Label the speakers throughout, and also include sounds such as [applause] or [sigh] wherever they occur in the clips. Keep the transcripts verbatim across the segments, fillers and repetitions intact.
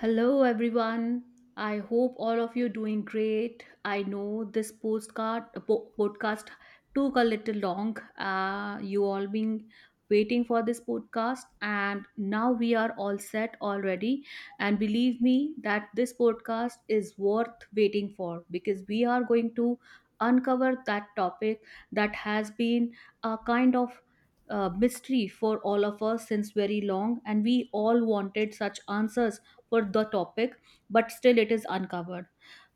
Speaker 1: Hello everyone. I hope all of you doing great. I know this postcard po- podcast took a little long. Uh, you all been waiting for this podcast and now we are all set already and believe me that this podcast is worth waiting for because we are going to uncover that topic that has been a kind of uh, mystery for all of us since very long and we all wanted such answers for the topic, but still it is uncovered.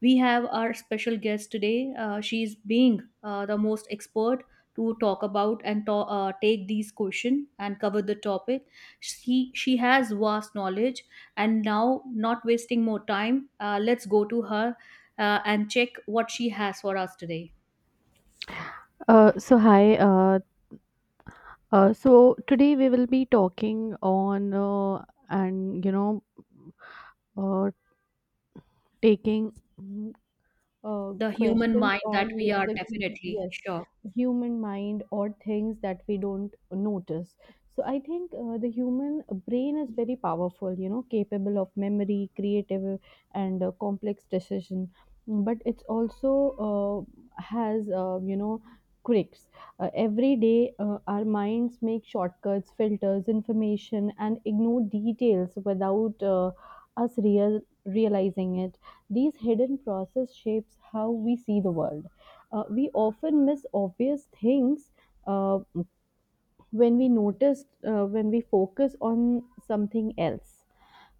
Speaker 1: We have our special guest today. Uh, she is being uh, the most expert to talk about and to- uh, take these questions and cover the topic. She she has vast knowledge, and now not wasting more time, uh, let's go to her uh, and check what she has for us today.
Speaker 2: Uh, so hi. Uh, uh, so today we will be talking on uh, and you know uh, taking uh,
Speaker 1: The human
Speaker 2: questions
Speaker 1: mind that
Speaker 2: on
Speaker 1: we
Speaker 2: yes
Speaker 1: are
Speaker 2: the
Speaker 1: definitely
Speaker 2: yes
Speaker 1: sure.
Speaker 2: human mind or things that we don't notice. So i think uh, the human brain is very powerful, you know, capable of memory, creative, and uh, complex decision, but it's also uh, has, uh, you know quirks. Uh, every day uh, our minds make shortcuts, filters information, and ignore details without uh, us real realizing it. These hidden process shapes how we see the world. Uh, we often miss obvious things uh, when we notice uh, when we focus on something else.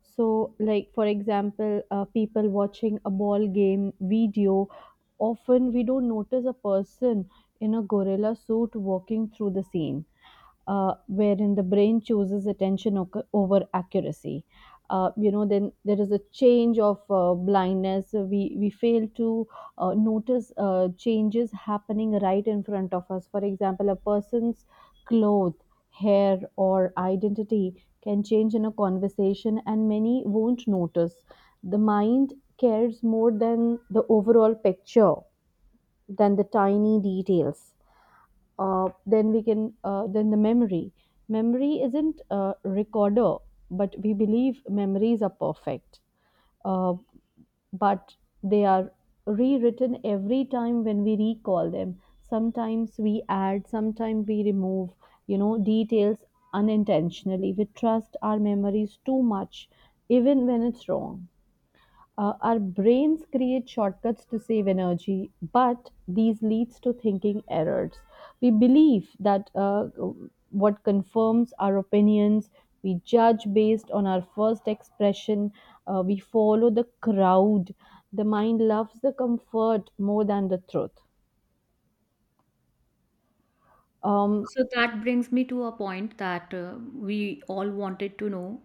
Speaker 2: So, like for example, uh, people watching a ball game video, often we don't notice a person in a gorilla suit walking through the scene, uh, wherein the brain chooses attention oc- over accuracy. Uh, you know, then there is a change of uh, blindness. Uh, We we fail to uh, notice uh, changes happening right in front of us. For example, a person's clothes, hair, or identity can change in a conversation, and many won't notice. The mind cares more than the overall picture than the tiny details. Uh, then we can uh, Then the memory memory isn't a recorder, but we believe memories are perfect. Uh, but they are rewritten every time when we recall them. Sometimes we add, sometimes we remove, you know, details unintentionally. We trust our memories too much even when it's wrong. Uh, our brains create shortcuts to save energy, but these leads to thinking errors. We believe that uh, what confirms our opinions, we judge based on our first expression, uh, we follow the crowd. The mind loves the comfort more than the truth. Um,
Speaker 1: So that brings me to a point that uh, we all wanted to know.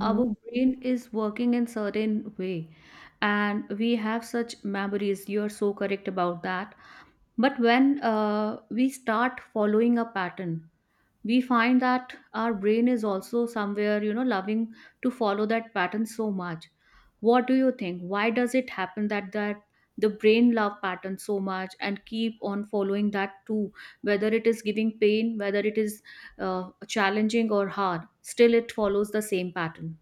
Speaker 1: Our brain is working in certain way, and we have such memories. You are so correct about that. But when uh, we start following a pattern, we find that our brain is also somewhere, you know, loving to follow that pattern so much. What do you think, why does it happen that that the brain love pattern so much and keep on following that too, whether it is giving pain, whether it is uh, challenging or hard, still it follows the same pattern?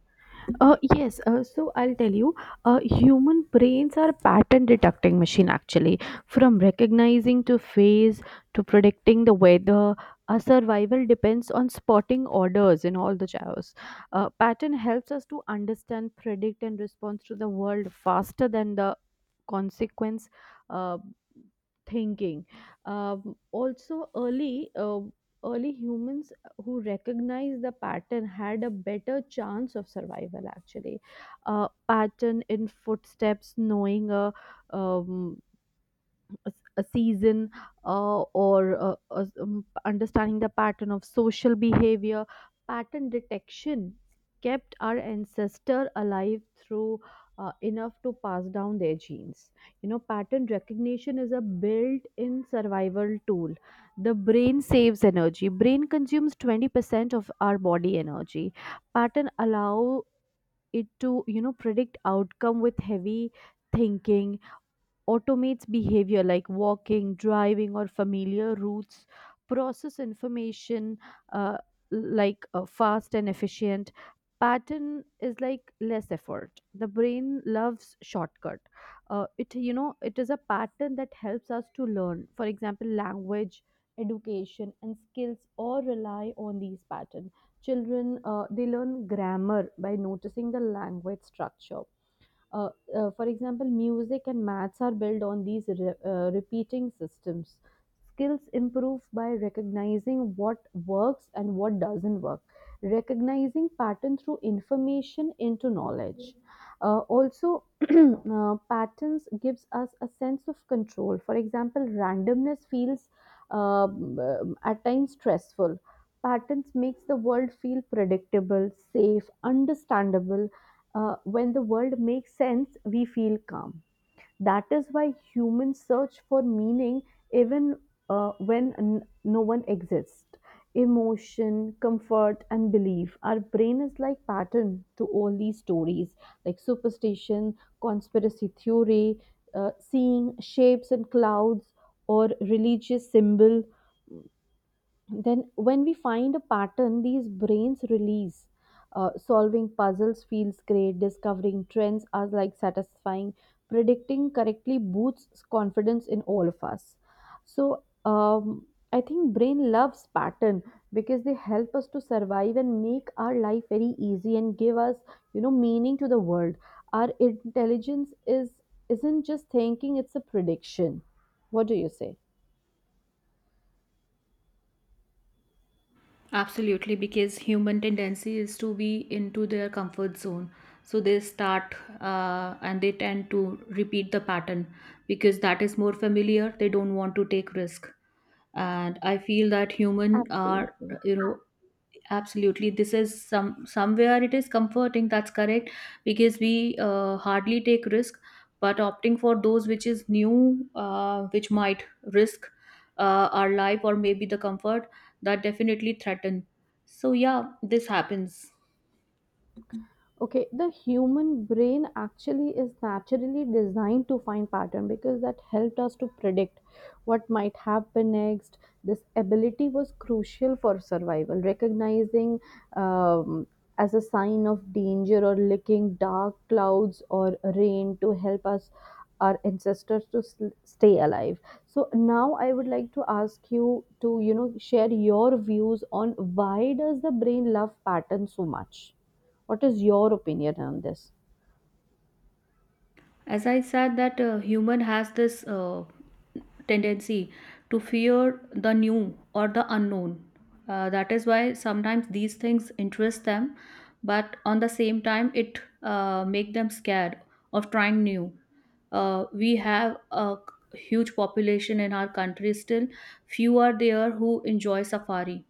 Speaker 2: Uh, yes, uh, so I'll tell you, uh, human brains are pattern detecting machine actually. From recognizing to phase to predicting the weather, our survival depends on spotting orders in all the chaos. Uh, pattern helps us to understand, predict, and respond to the world faster than the consequence uh, thinking. Um, also, early uh, early humans who recognized the pattern had a better chance of survival. Actually, a pattern in footsteps, knowing a um, a, s- a season, uh, or uh, uh, um, understanding the pattern of social behavior. Pattern detection kept our ancestor alive through, uh, enough to pass down their genes. You know, pattern recognition is a built-in survival tool. The brain saves energy, brain consumes twenty percent of our body energy. Pattern allow it to, you know, predict outcome with heavy thinking, automates behavior like walking, driving, or familiar routes, process information, uh, like uh, fast and efficient. Pattern is like less effort. The brain loves shortcut. Uh, it you know it is a pattern that helps us to learn. For example, language, education, and skills all rely on these patterns. Children, uh, they learn grammar by noticing the language structure. uh, uh, for example, music and maths are built on these re- uh, repeating systems. Skills improve by recognizing what works and what doesn't work, recognizing pattern through information into knowledge. Uh, also, [clears throat] uh, patterns gives us a sense of control. For example, randomness feels, um, um, at times, stressful. Patterns makes the world feel predictable, safe, understandable. Uh, when the world makes sense, we feel calm. That is why humans search for meaning even uh, when n- no one exists. Emotion, comfort, and belief. Our brain is like pattern to all these stories, like superstition, conspiracy theory, uh, seeing shapes and clouds, or religious symbol. Then when we find a pattern, these brains release. Uh, solving puzzles feels great, discovering trends are like satisfying, predicting correctly boosts confidence in all of us. So um, i think brain loves pattern because they help us to survive and make our life very easy and give us, you know, meaning to the world. Our intelligence is isn't just thinking, it's a prediction. What do you say?
Speaker 1: Absolutely, because human tendency is to be into their comfort zone. So they start uh, and they tend to repeat the pattern because that is more familiar. They don't want to take risk. And I feel that human are,
Speaker 2: Absolutely.
Speaker 1: you know, absolutely this is some somewhere it is comforting, that's correct, because we uh, hardly take risk, but opting for those which is new, uh, which might risk uh, our life or maybe the comfort, that definitely threaten. So yeah, this happens.
Speaker 2: Okay, the human brain actually is naturally designed to find pattern because that helped us to predict what might happen next. This ability was crucial for survival. Recognizing, um, as a sign of danger, or licking dark clouds or rain to help us, our ancestors to sl- stay alive. So now I would like to ask you to, you know, share your views on why does the brain love patterns so much? What is your opinion on this?
Speaker 1: As I said that uh, human has this uh, tendency to fear the new or the unknown. Uh, that is why sometimes these things interest them, but on the same time, it uh, make them scared of trying new. Uh, we have a huge population in our country still. Few are there who enjoy safari.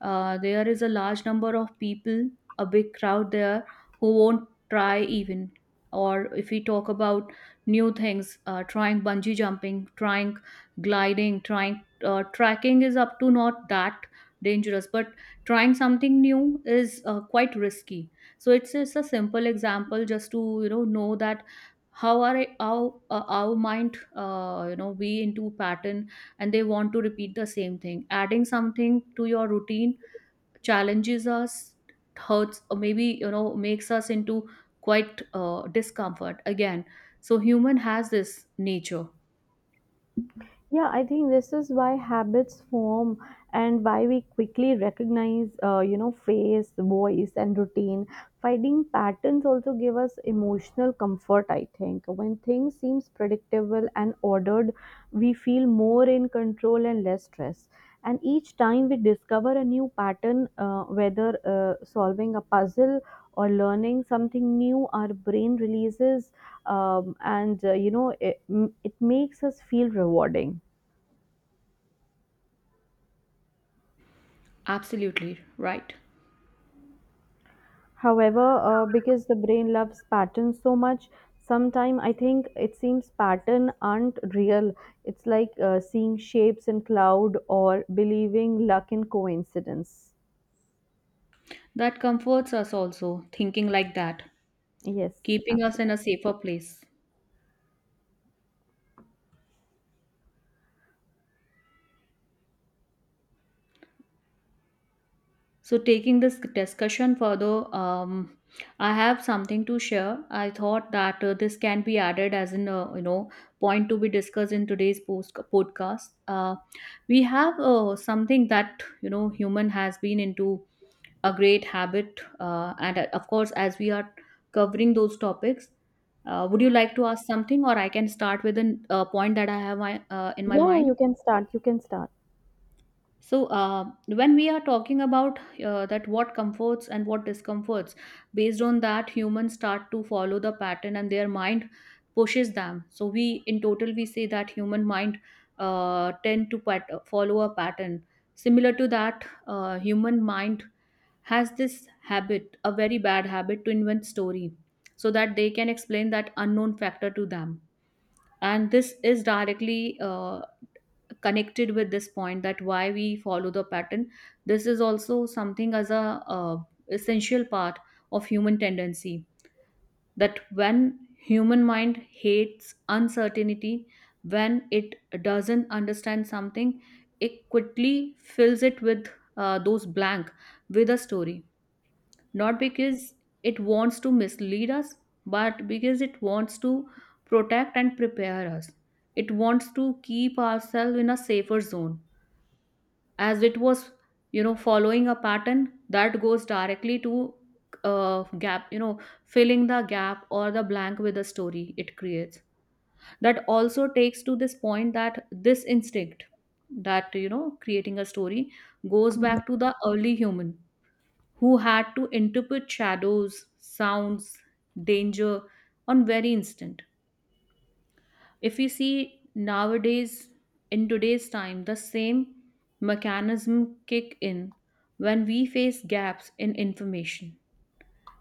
Speaker 1: Uh, there is a large number of people, a big crowd there who won't try even. Or if we talk about new things, uh, trying bungee jumping, trying gliding, trying uh, tracking is up to not that dangerous, but trying something new is uh, quite risky. So it's just a simple example just to, you know know that how are it- how uh, our mind, uh, you know, we into pattern and they want to repeat the same thing. Adding something to your routine challenges us, hurts, or maybe, you know, makes us into quite uh, discomfort again. So human has this nature.
Speaker 2: Yeah, I think this is why habits form and why we quickly recognize, uh, you know, face, voice, and routine. Finding patterns also give us emotional comfort, I think. When things seems predictable and ordered, we feel more in control and less stress. And each time we discover a new pattern, uh, whether uh, solving a puzzle or learning something new, our brain releases, um, and uh, you know, it, it makes us feel rewarding.
Speaker 1: Absolutely right.
Speaker 2: However, uh, because the brain loves patterns so much, sometimes I think it seems pattern aren't real. It's like uh, seeing shapes in cloud or believing luck in coincidence.
Speaker 1: That comforts us also, thinking like that,
Speaker 2: Yes,
Speaker 1: keeping us in
Speaker 2: absolutely.
Speaker 1: a safer place. So, taking this discussion further, um, I have something to share. I thought that uh, this can be added as in a, you know, point to be discussed in today's post podcast. Uh, we have uh, something that, you know, human has been into a great habit, uh, and uh, of course, as we are covering those topics, uh, would you like to ask something, or I can start with a uh, point that I have my, uh, in my
Speaker 2: Yeah, yeah, you
Speaker 1: mind?
Speaker 2: can start. You can start.
Speaker 1: So, uh, when we are talking about uh, that what comforts and what discomforts, based on that, humans start to follow the pattern and their mind pushes them. So, we in total we say that human mind uh, tend to pat- follow a pattern. Similar to that, uh, human mind has this habit, a very bad habit, to invent story so that they can explain that unknown factor to them. And this is directly uh, connected with this point that why we follow the pattern. This is also something as a uh, essential part of human tendency, that when human mind hates uncertainty, when it doesn't understand something, it quickly fills it with uh, those blank with a story, not because it wants to mislead us, but because it wants to protect and prepare us. It wants to keep ourselves in a safer zone. As it was, you know, following a pattern that goes directly to uh, gap, you know, filling the gap or the blank with a story it creates, that also takes to this point that this instinct, that, you know, creating a story goes back to the early human who had to interpret shadows, sounds, danger on very instant. If you see nowadays, in today's time, the same mechanism kick in when we face gaps in information.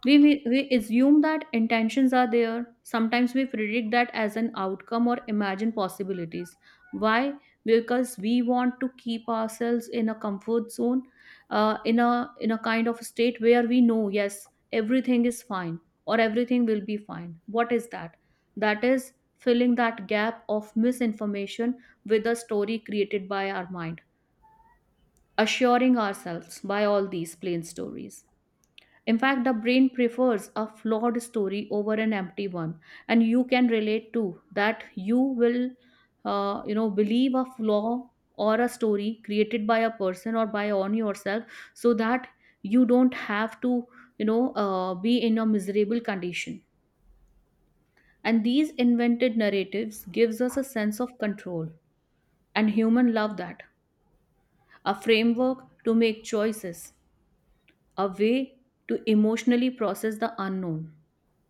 Speaker 1: We, we, we assume that intentions are there. Sometimes we predict that as an outcome or imagine possibilities. Why? Because we want to keep ourselves in a comfort zone, uh, in a in a kind of state where we know, yes, everything is fine or everything will be fine. What is that? That is filling that gap of misinformation with a story created by our mind, assuring ourselves by all these plain stories. In fact, the brain prefers a flawed story over an empty one, and you can relate to that. You will, uh, you know, believe a flaw or a story created by a person or by on yourself, so that you don't have to, you know, uh, be in a miserable condition. And these invented narratives gives us a sense of control, and human love that, a framework to make choices, a way to emotionally process the unknown.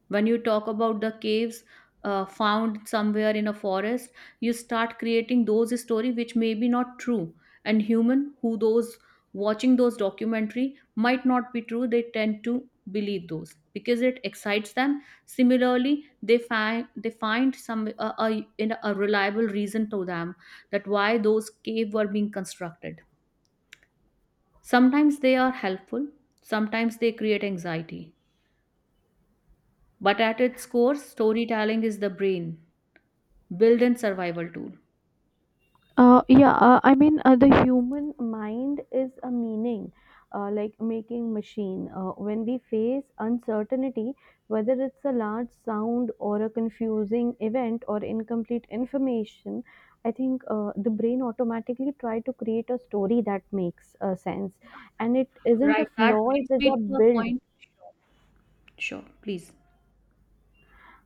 Speaker 1: When you talk about the caves uh, found somewhere in a forest, you start creating those story which may be not true, and human who those watching those documentary might not be true, they tend to believe those because it excites them. Similarly, they find they find some, uh, a, in a reliable reason to them that why those cave were being constructed. Sometimes they are helpful, sometimes they create anxiety, but at its core, storytelling is the brain built-in survival tool.
Speaker 2: Uh, yeah, uh, I mean, uh, the human mind is a meaning, uh, like making machine. Uh, when we face uncertainty, whether it's a large sound or a confusing event or incomplete information, I think uh, the brain automatically try to create a story that makes uh, sense. And it isn't
Speaker 1: Right,
Speaker 2: a
Speaker 1: that
Speaker 2: flaw, it
Speaker 1: brings
Speaker 2: is
Speaker 1: me
Speaker 2: a
Speaker 1: to a
Speaker 2: build.
Speaker 1: point. Sure, sure, please.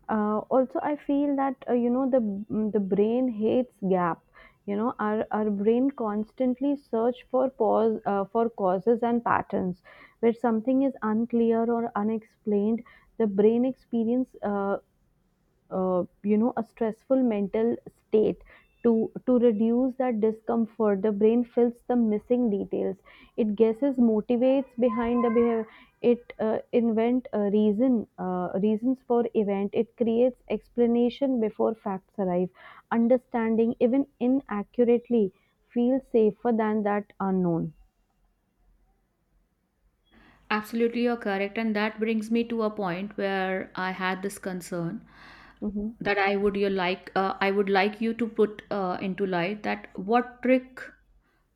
Speaker 2: uh, Also, i feel that, uh, you know the mm, the brain hates gap. You know, our our brain constantly search for pause, uh, for causes and patterns where something is unclear or unexplained. The brain experience, uh, uh, you know, a stressful mental state. to to reduce that discomfort, the brain fills the missing details. It guesses motivates behind the behavior. It uh, invent a reason, uh, reasons for event. It creates explanation before facts arrive. Understanding, even inaccurately, feels safer than that unknown.
Speaker 1: Absolutely, you're correct. And that brings me to a point where I had this concern
Speaker 2: Mhm.
Speaker 1: that I would you like uh, I would like you to put uh, into light that what trick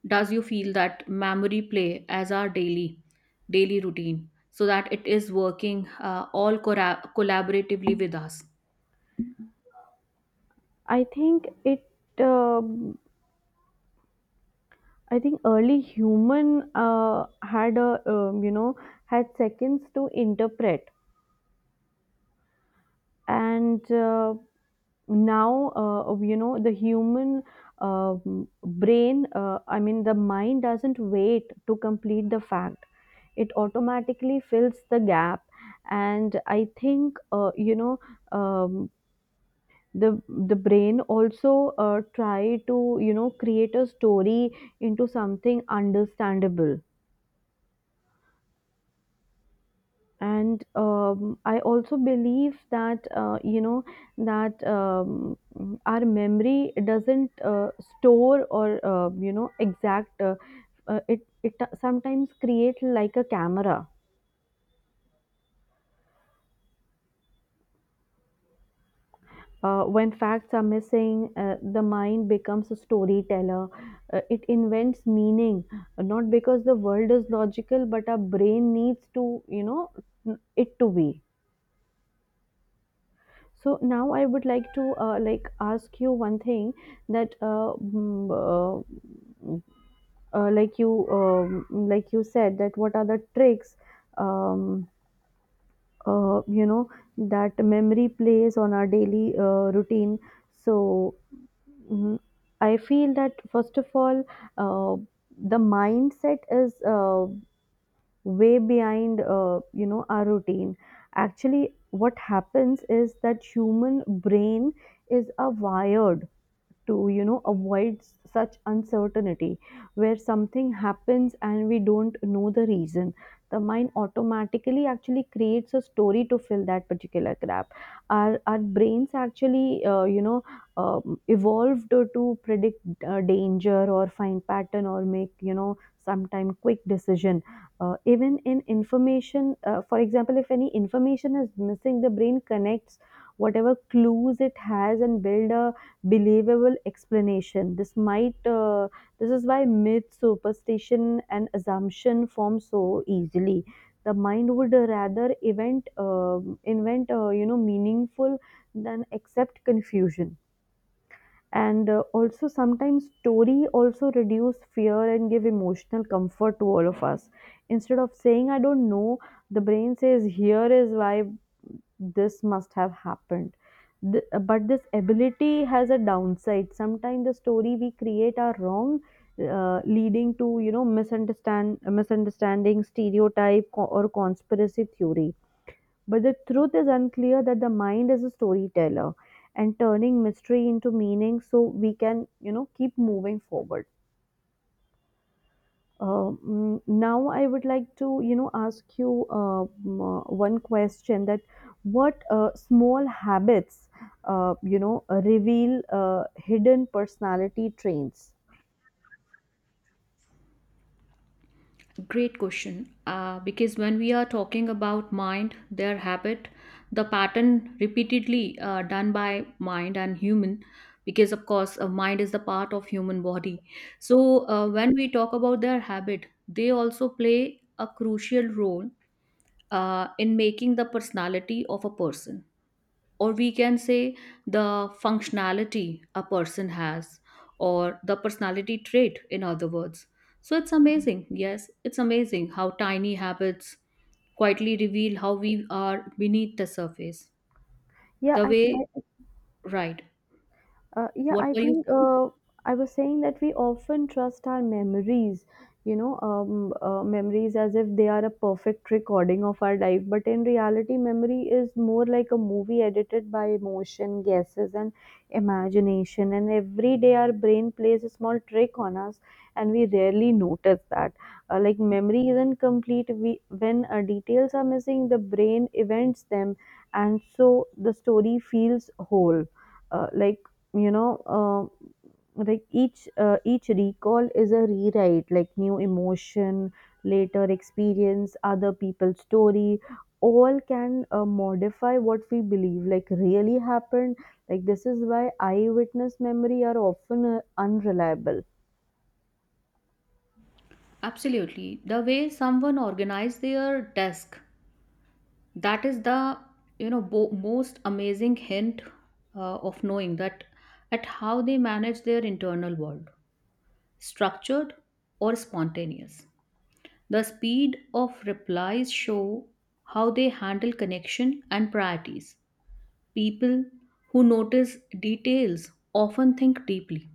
Speaker 1: does you feel that memory play as our daily daily routine so that it is working uh, all corra- collaboratively with us.
Speaker 2: i think it, um I think early human uh, had a um, you know, had seconds to interpret, and uh, now uh, you know, the human, um brain. Uh, I mean, the mind doesn't wait to complete the fact; it automatically fills the gap. And I think, uh, you know um, the the brain also uh, try to, you know, create a story into something understandable. And um, i also believe that, uh, you know that um, our memory doesn't uh, store or, uh, you know exact uh, uh, it it sometimes create like a camera. Uh, when facts are missing, uh, the mind becomes a storyteller. Uh, it invents meaning. Uh, not because the world is logical, but our brain needs to, you know, it to be. So now I would like to uh, like ask you one thing that, uh, mm, uh, uh, like you um, like you said, that what are the tricks, um, uh, you know, that memory plays on our daily uh, routine. So, mm, I feel that first of all, uh, the mindset is, uh, way behind, uh, you know, our routine. Actually, what happens is that human brain is a wired to, you know, avoid s- such uncertainty where something happens and we don't know the reason. The mind automatically actually creates a story to fill that particular gap. Our our brains actually, uh, you know um, evolved to to predict uh, danger, or find pattern, or make, you know, sometime quick decision. Uh, even in information, uh, for example, if any information is missing, the brain connects whatever clues it has and build a believable explanation. This might, uh, this is why myth, superstition, and assumption form so easily. The mind would rather invent um invent uh, you know, meaningful than accept confusion. And uh, also sometimes story also reduce fear and give emotional comfort to all of us, instead of saying I don't know. The brain says here is why this must have happened. Th- but this ability has a downside. Sometimes the story we create are wrong, uh, leading to, you know, misunderstand misunderstanding, stereotype, co- or conspiracy theory. But the truth is unclear that the mind is a storyteller, and turning mystery into meaning so we can, you know, keep moving forward. Uh, mm, now I would like to, you know, ask you uh, mm, uh, one question, that what uh, small habits, uh, you know, uh, reveal uh, hidden personality traits?
Speaker 1: Great question. Uh, because when we are talking about mind, their habit, the pattern repeatedly uh, done by mind and human, because of course uh, mind is the part of human body. So uh, when we talk about their habit, they also play a crucial role uh, in making the personality of a person, or we can say the functionality a person has, or the personality trait, in other words. So it's amazing, yes, it's amazing how tiny habits quietly reveal how we are beneath the surface,
Speaker 2: Yeah,
Speaker 1: the
Speaker 2: I,
Speaker 1: way. Right,
Speaker 2: Uh, yeah,
Speaker 1: what
Speaker 2: I
Speaker 1: were you
Speaker 2: think,
Speaker 1: saying?
Speaker 2: uh, I was saying that we often trust our memories, you know, um, uh, memories as if they are a perfect recording of our life. But in reality, memory is more like a movie edited by emotion, guesses, and imagination. And every day, our brain plays a small trick on us, and we rarely notice that. Uh, like, memory isn't complete. We, when uh, details are missing, the brain events them, and so the story feels whole. uh, like you know uh, like each uh, each recall is a rewrite, like new emotion, later experience, other people's story, all can uh, modify what we believe like really happened. Like this is why eyewitness memory are often uh, unreliable.
Speaker 1: Absolutely, the way someone organized their desk, that is the, you know, bo- most amazing hint uh, of knowing that at how they manage their internal world, structured or spontaneous. The speed of replies show how they handle connection and priorities. People who notice details often think deeply.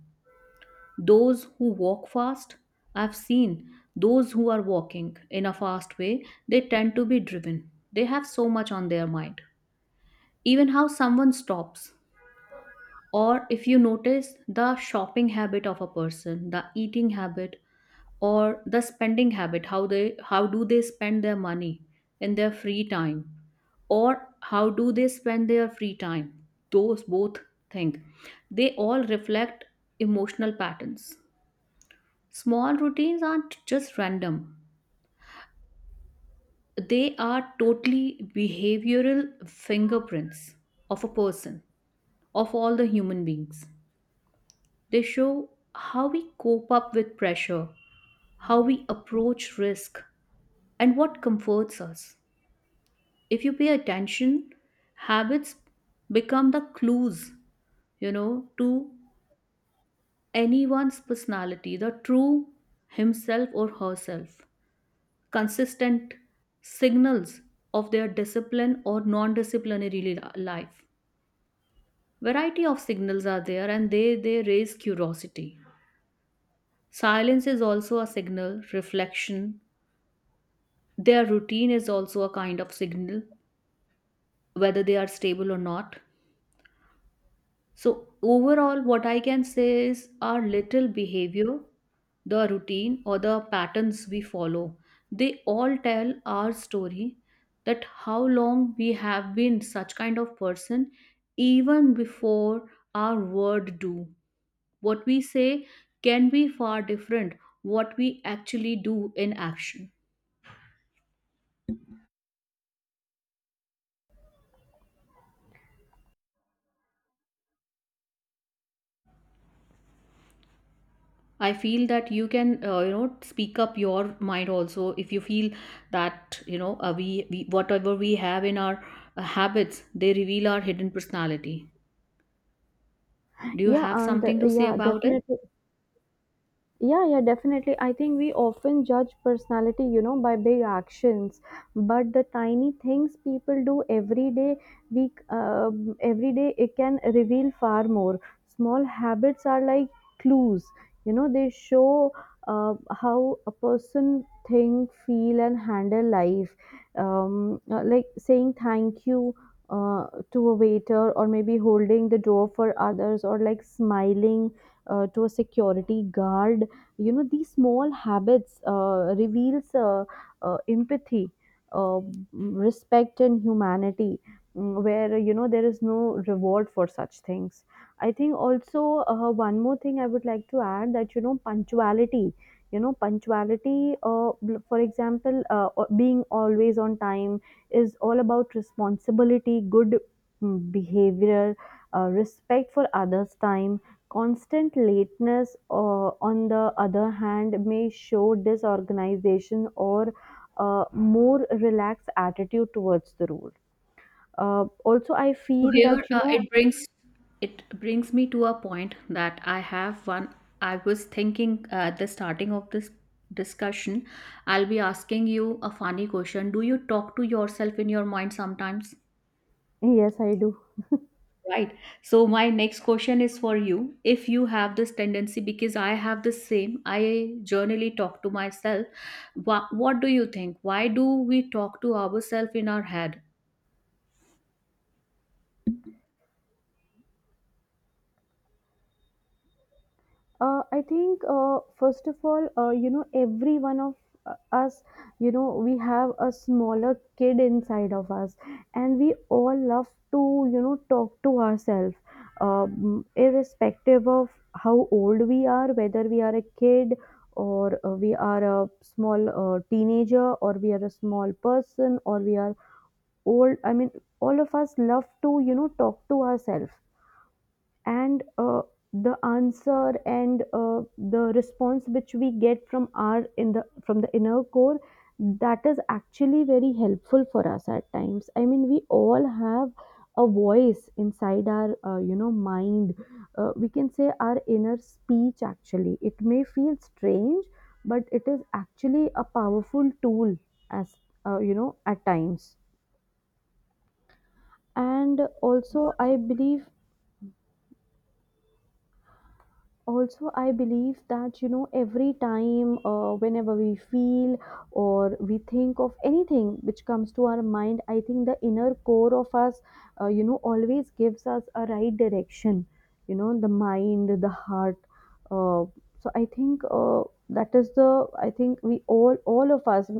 Speaker 1: Those who walk fast, I've seen those who are walking in a fast way, they tend to be driven. They have so much on their mind. Even how someone stops, or if you notice the shopping habit of a person, the eating habit, or the spending habit, how they how do they spend their money in their free time, or how do they spend their free time, those both things, they all reflect emotional patterns. Small routines aren't just random, they are totally behavioral fingerprints of a person, of all the human beings. They show how we cope up with pressure, how we approach risk, and what comforts us. If you pay attention, habits become the clues, you know, to anyone's personality, the true himself or herself. Consistent signals of their discipline or non-disciplinary li- life. Variety of signals are there, and they, they raise curiosity. Silence is also a signal, reflection. Their routine is also a kind of signal, whether they are stable or not. So, overall, what I can say is our little behavior, the routine, or the patterns we follow, they all tell our story, that how long we have been such kind of person, even before our word do. What we say can be far different what we actually do in action. I feel that you can, uh, you know, speak up your mind also if you feel that, you know, uh, we, we whatever we have in our uh, habits, they reveal our hidden personality. Do you
Speaker 2: yeah
Speaker 1: have
Speaker 2: and uh,
Speaker 1: something to say
Speaker 2: yeah
Speaker 1: about it?
Speaker 2: definitely Yeah, yeah, definitely. I think we often judge personality, you know, by big actions, but the tiny things people do every day, we uh, every day, it can reveal far more. Small habits are like clues, you know, they show uh, how a person think, feel, and handle life. Um, uh, like saying thank you. Uh, to a waiter, or maybe holding the door for others, or like smiling uh, to a security guard. You know, these small habits uh, reveals, uh, uh, empathy, uh, respect, and humanity. Mm, where, you know, there is no reward for such things. I think also, uh, one more thing I would like to add, that, you know, punctuality you know punctuality, uh, bl- for example, uh, o- being always on time is all about responsibility, good, mm, behavior, uh, respect for others time. Constant lateness, uh, on the other hand, may show disorganization or a more relaxed attitude towards the rule. Uh, also, I
Speaker 1: So
Speaker 2: feel
Speaker 1: here
Speaker 2: that, you
Speaker 1: uh,
Speaker 2: know,
Speaker 1: it brings it brings me to a point that I have one. I was thinking uh, at the starting of this discussion, I'll be asking you a funny question. Do you talk to yourself in your mind sometimes?
Speaker 2: yes, I do.
Speaker 1: Right. So my next question is for you. If you have this tendency, because I have the same, I generally talk to myself. What, what do you think? Why do we talk to ourselves in our head?
Speaker 2: Uh, I think, uh, first of all, uh, you know, every one of uh, us, you know, we have a smaller kid inside of us, and we all love to, you know, talk to ourselves, um, irrespective of how old we are, whether we are a kid or uh, we are a small uh, teenager, or we are a small person, or we are old. I mean, all of us love to, you know, talk to ourselves. And uh, the answer, and uh, the response which we get from our, in the, from the inner core, that is actually very helpful for us at times. I mean, we all have a voice inside our, uh, you know, mind. Uh, we can say our inner speech. Actually, it may feel strange, but it is actually a powerful tool as, uh, you know, at times. And also i believe, also i believe that, you know, every time, uh, whenever we feel or we think of anything which comes to our mind, I think the inner core of us, uh, you know, always gives us a right direction. You know, the mind, the heart, uh, so i think uh, that is the, I think we all, all of us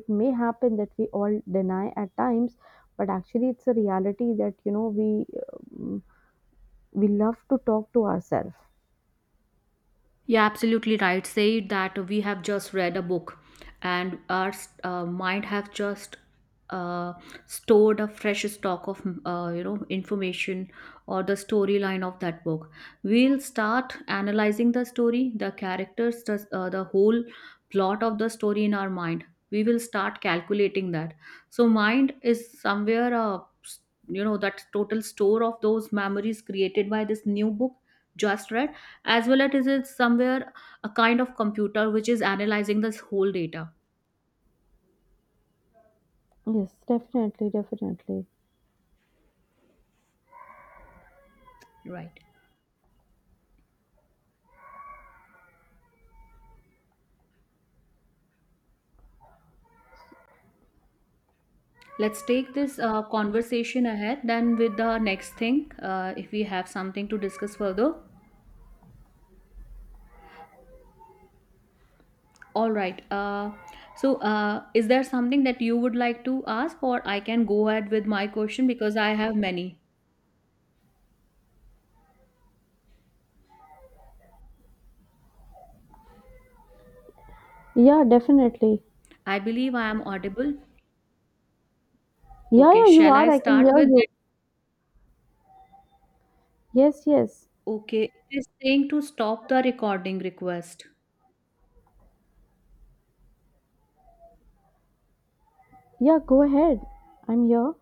Speaker 2: it may happen that we all deny at times, but actually it's a reality that, you know, we, um, we love to talk to ourselves.
Speaker 1: Yeah, absolutely right. Say it that we have just read a book and our uh, mind have just uh, stored a fresh stock of, uh, you know, information or the storyline of that book. We'll start analyzing the story, the characters, the, uh, the whole plot of the story in our mind. We will start calculating that. So mind is somewhere uh, s- you know, that total store of those memories created by this new book just read, as well as it is somewhere a kind of computer which is analyzing this whole data.
Speaker 2: Yes, definitely, definitely.
Speaker 1: Right. Let's take this uh, conversation ahead then with the next thing, uh, if we have something to discuss further. All right, uh, so uh, is there something that you would like to ask, or I can go ahead with my question, because I have many.
Speaker 2: Yeah, definitely.
Speaker 1: I believe I am audible.
Speaker 2: Yeah,
Speaker 1: Okay,
Speaker 2: yeah, you
Speaker 1: shall I
Speaker 2: are. I can
Speaker 1: start
Speaker 2: hear
Speaker 1: with
Speaker 2: you.
Speaker 1: that?
Speaker 2: Yes, yes.
Speaker 1: Okay, it is saying to stop the recording request.
Speaker 2: Yeah, go ahead. I'm here.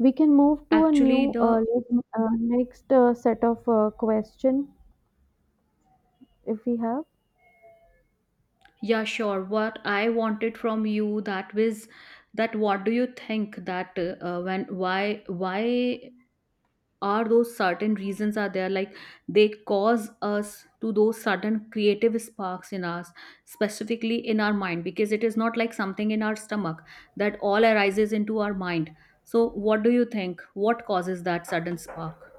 Speaker 2: We can move to a
Speaker 1: Actually,
Speaker 2: new, uh,
Speaker 1: the—
Speaker 2: like, uh, next uh, set of uh, question if we have.
Speaker 1: yeah, sure. What I wanted from you that was that what do you think that, uh, when why why are those certain reasons are there, like they cause us to those certain creative sparks in us, specifically in our mind, because it is not like something in our stomach that all arises into our mind. So what do you think? What causes that sudden spark?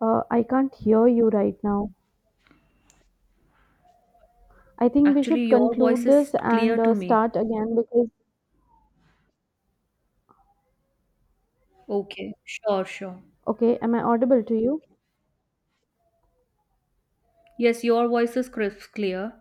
Speaker 2: Uh, I can't hear you right now. I think we
Speaker 1: Actually,
Speaker 2: should
Speaker 1: your voice
Speaker 2: conclude
Speaker 1: is
Speaker 2: this
Speaker 1: clear
Speaker 2: and
Speaker 1: to
Speaker 2: uh,
Speaker 1: me.
Speaker 2: start again because,
Speaker 1: Okay, sure, sure.
Speaker 2: okay, am I audible to you?
Speaker 1: Yes, your voice is crisp, clear.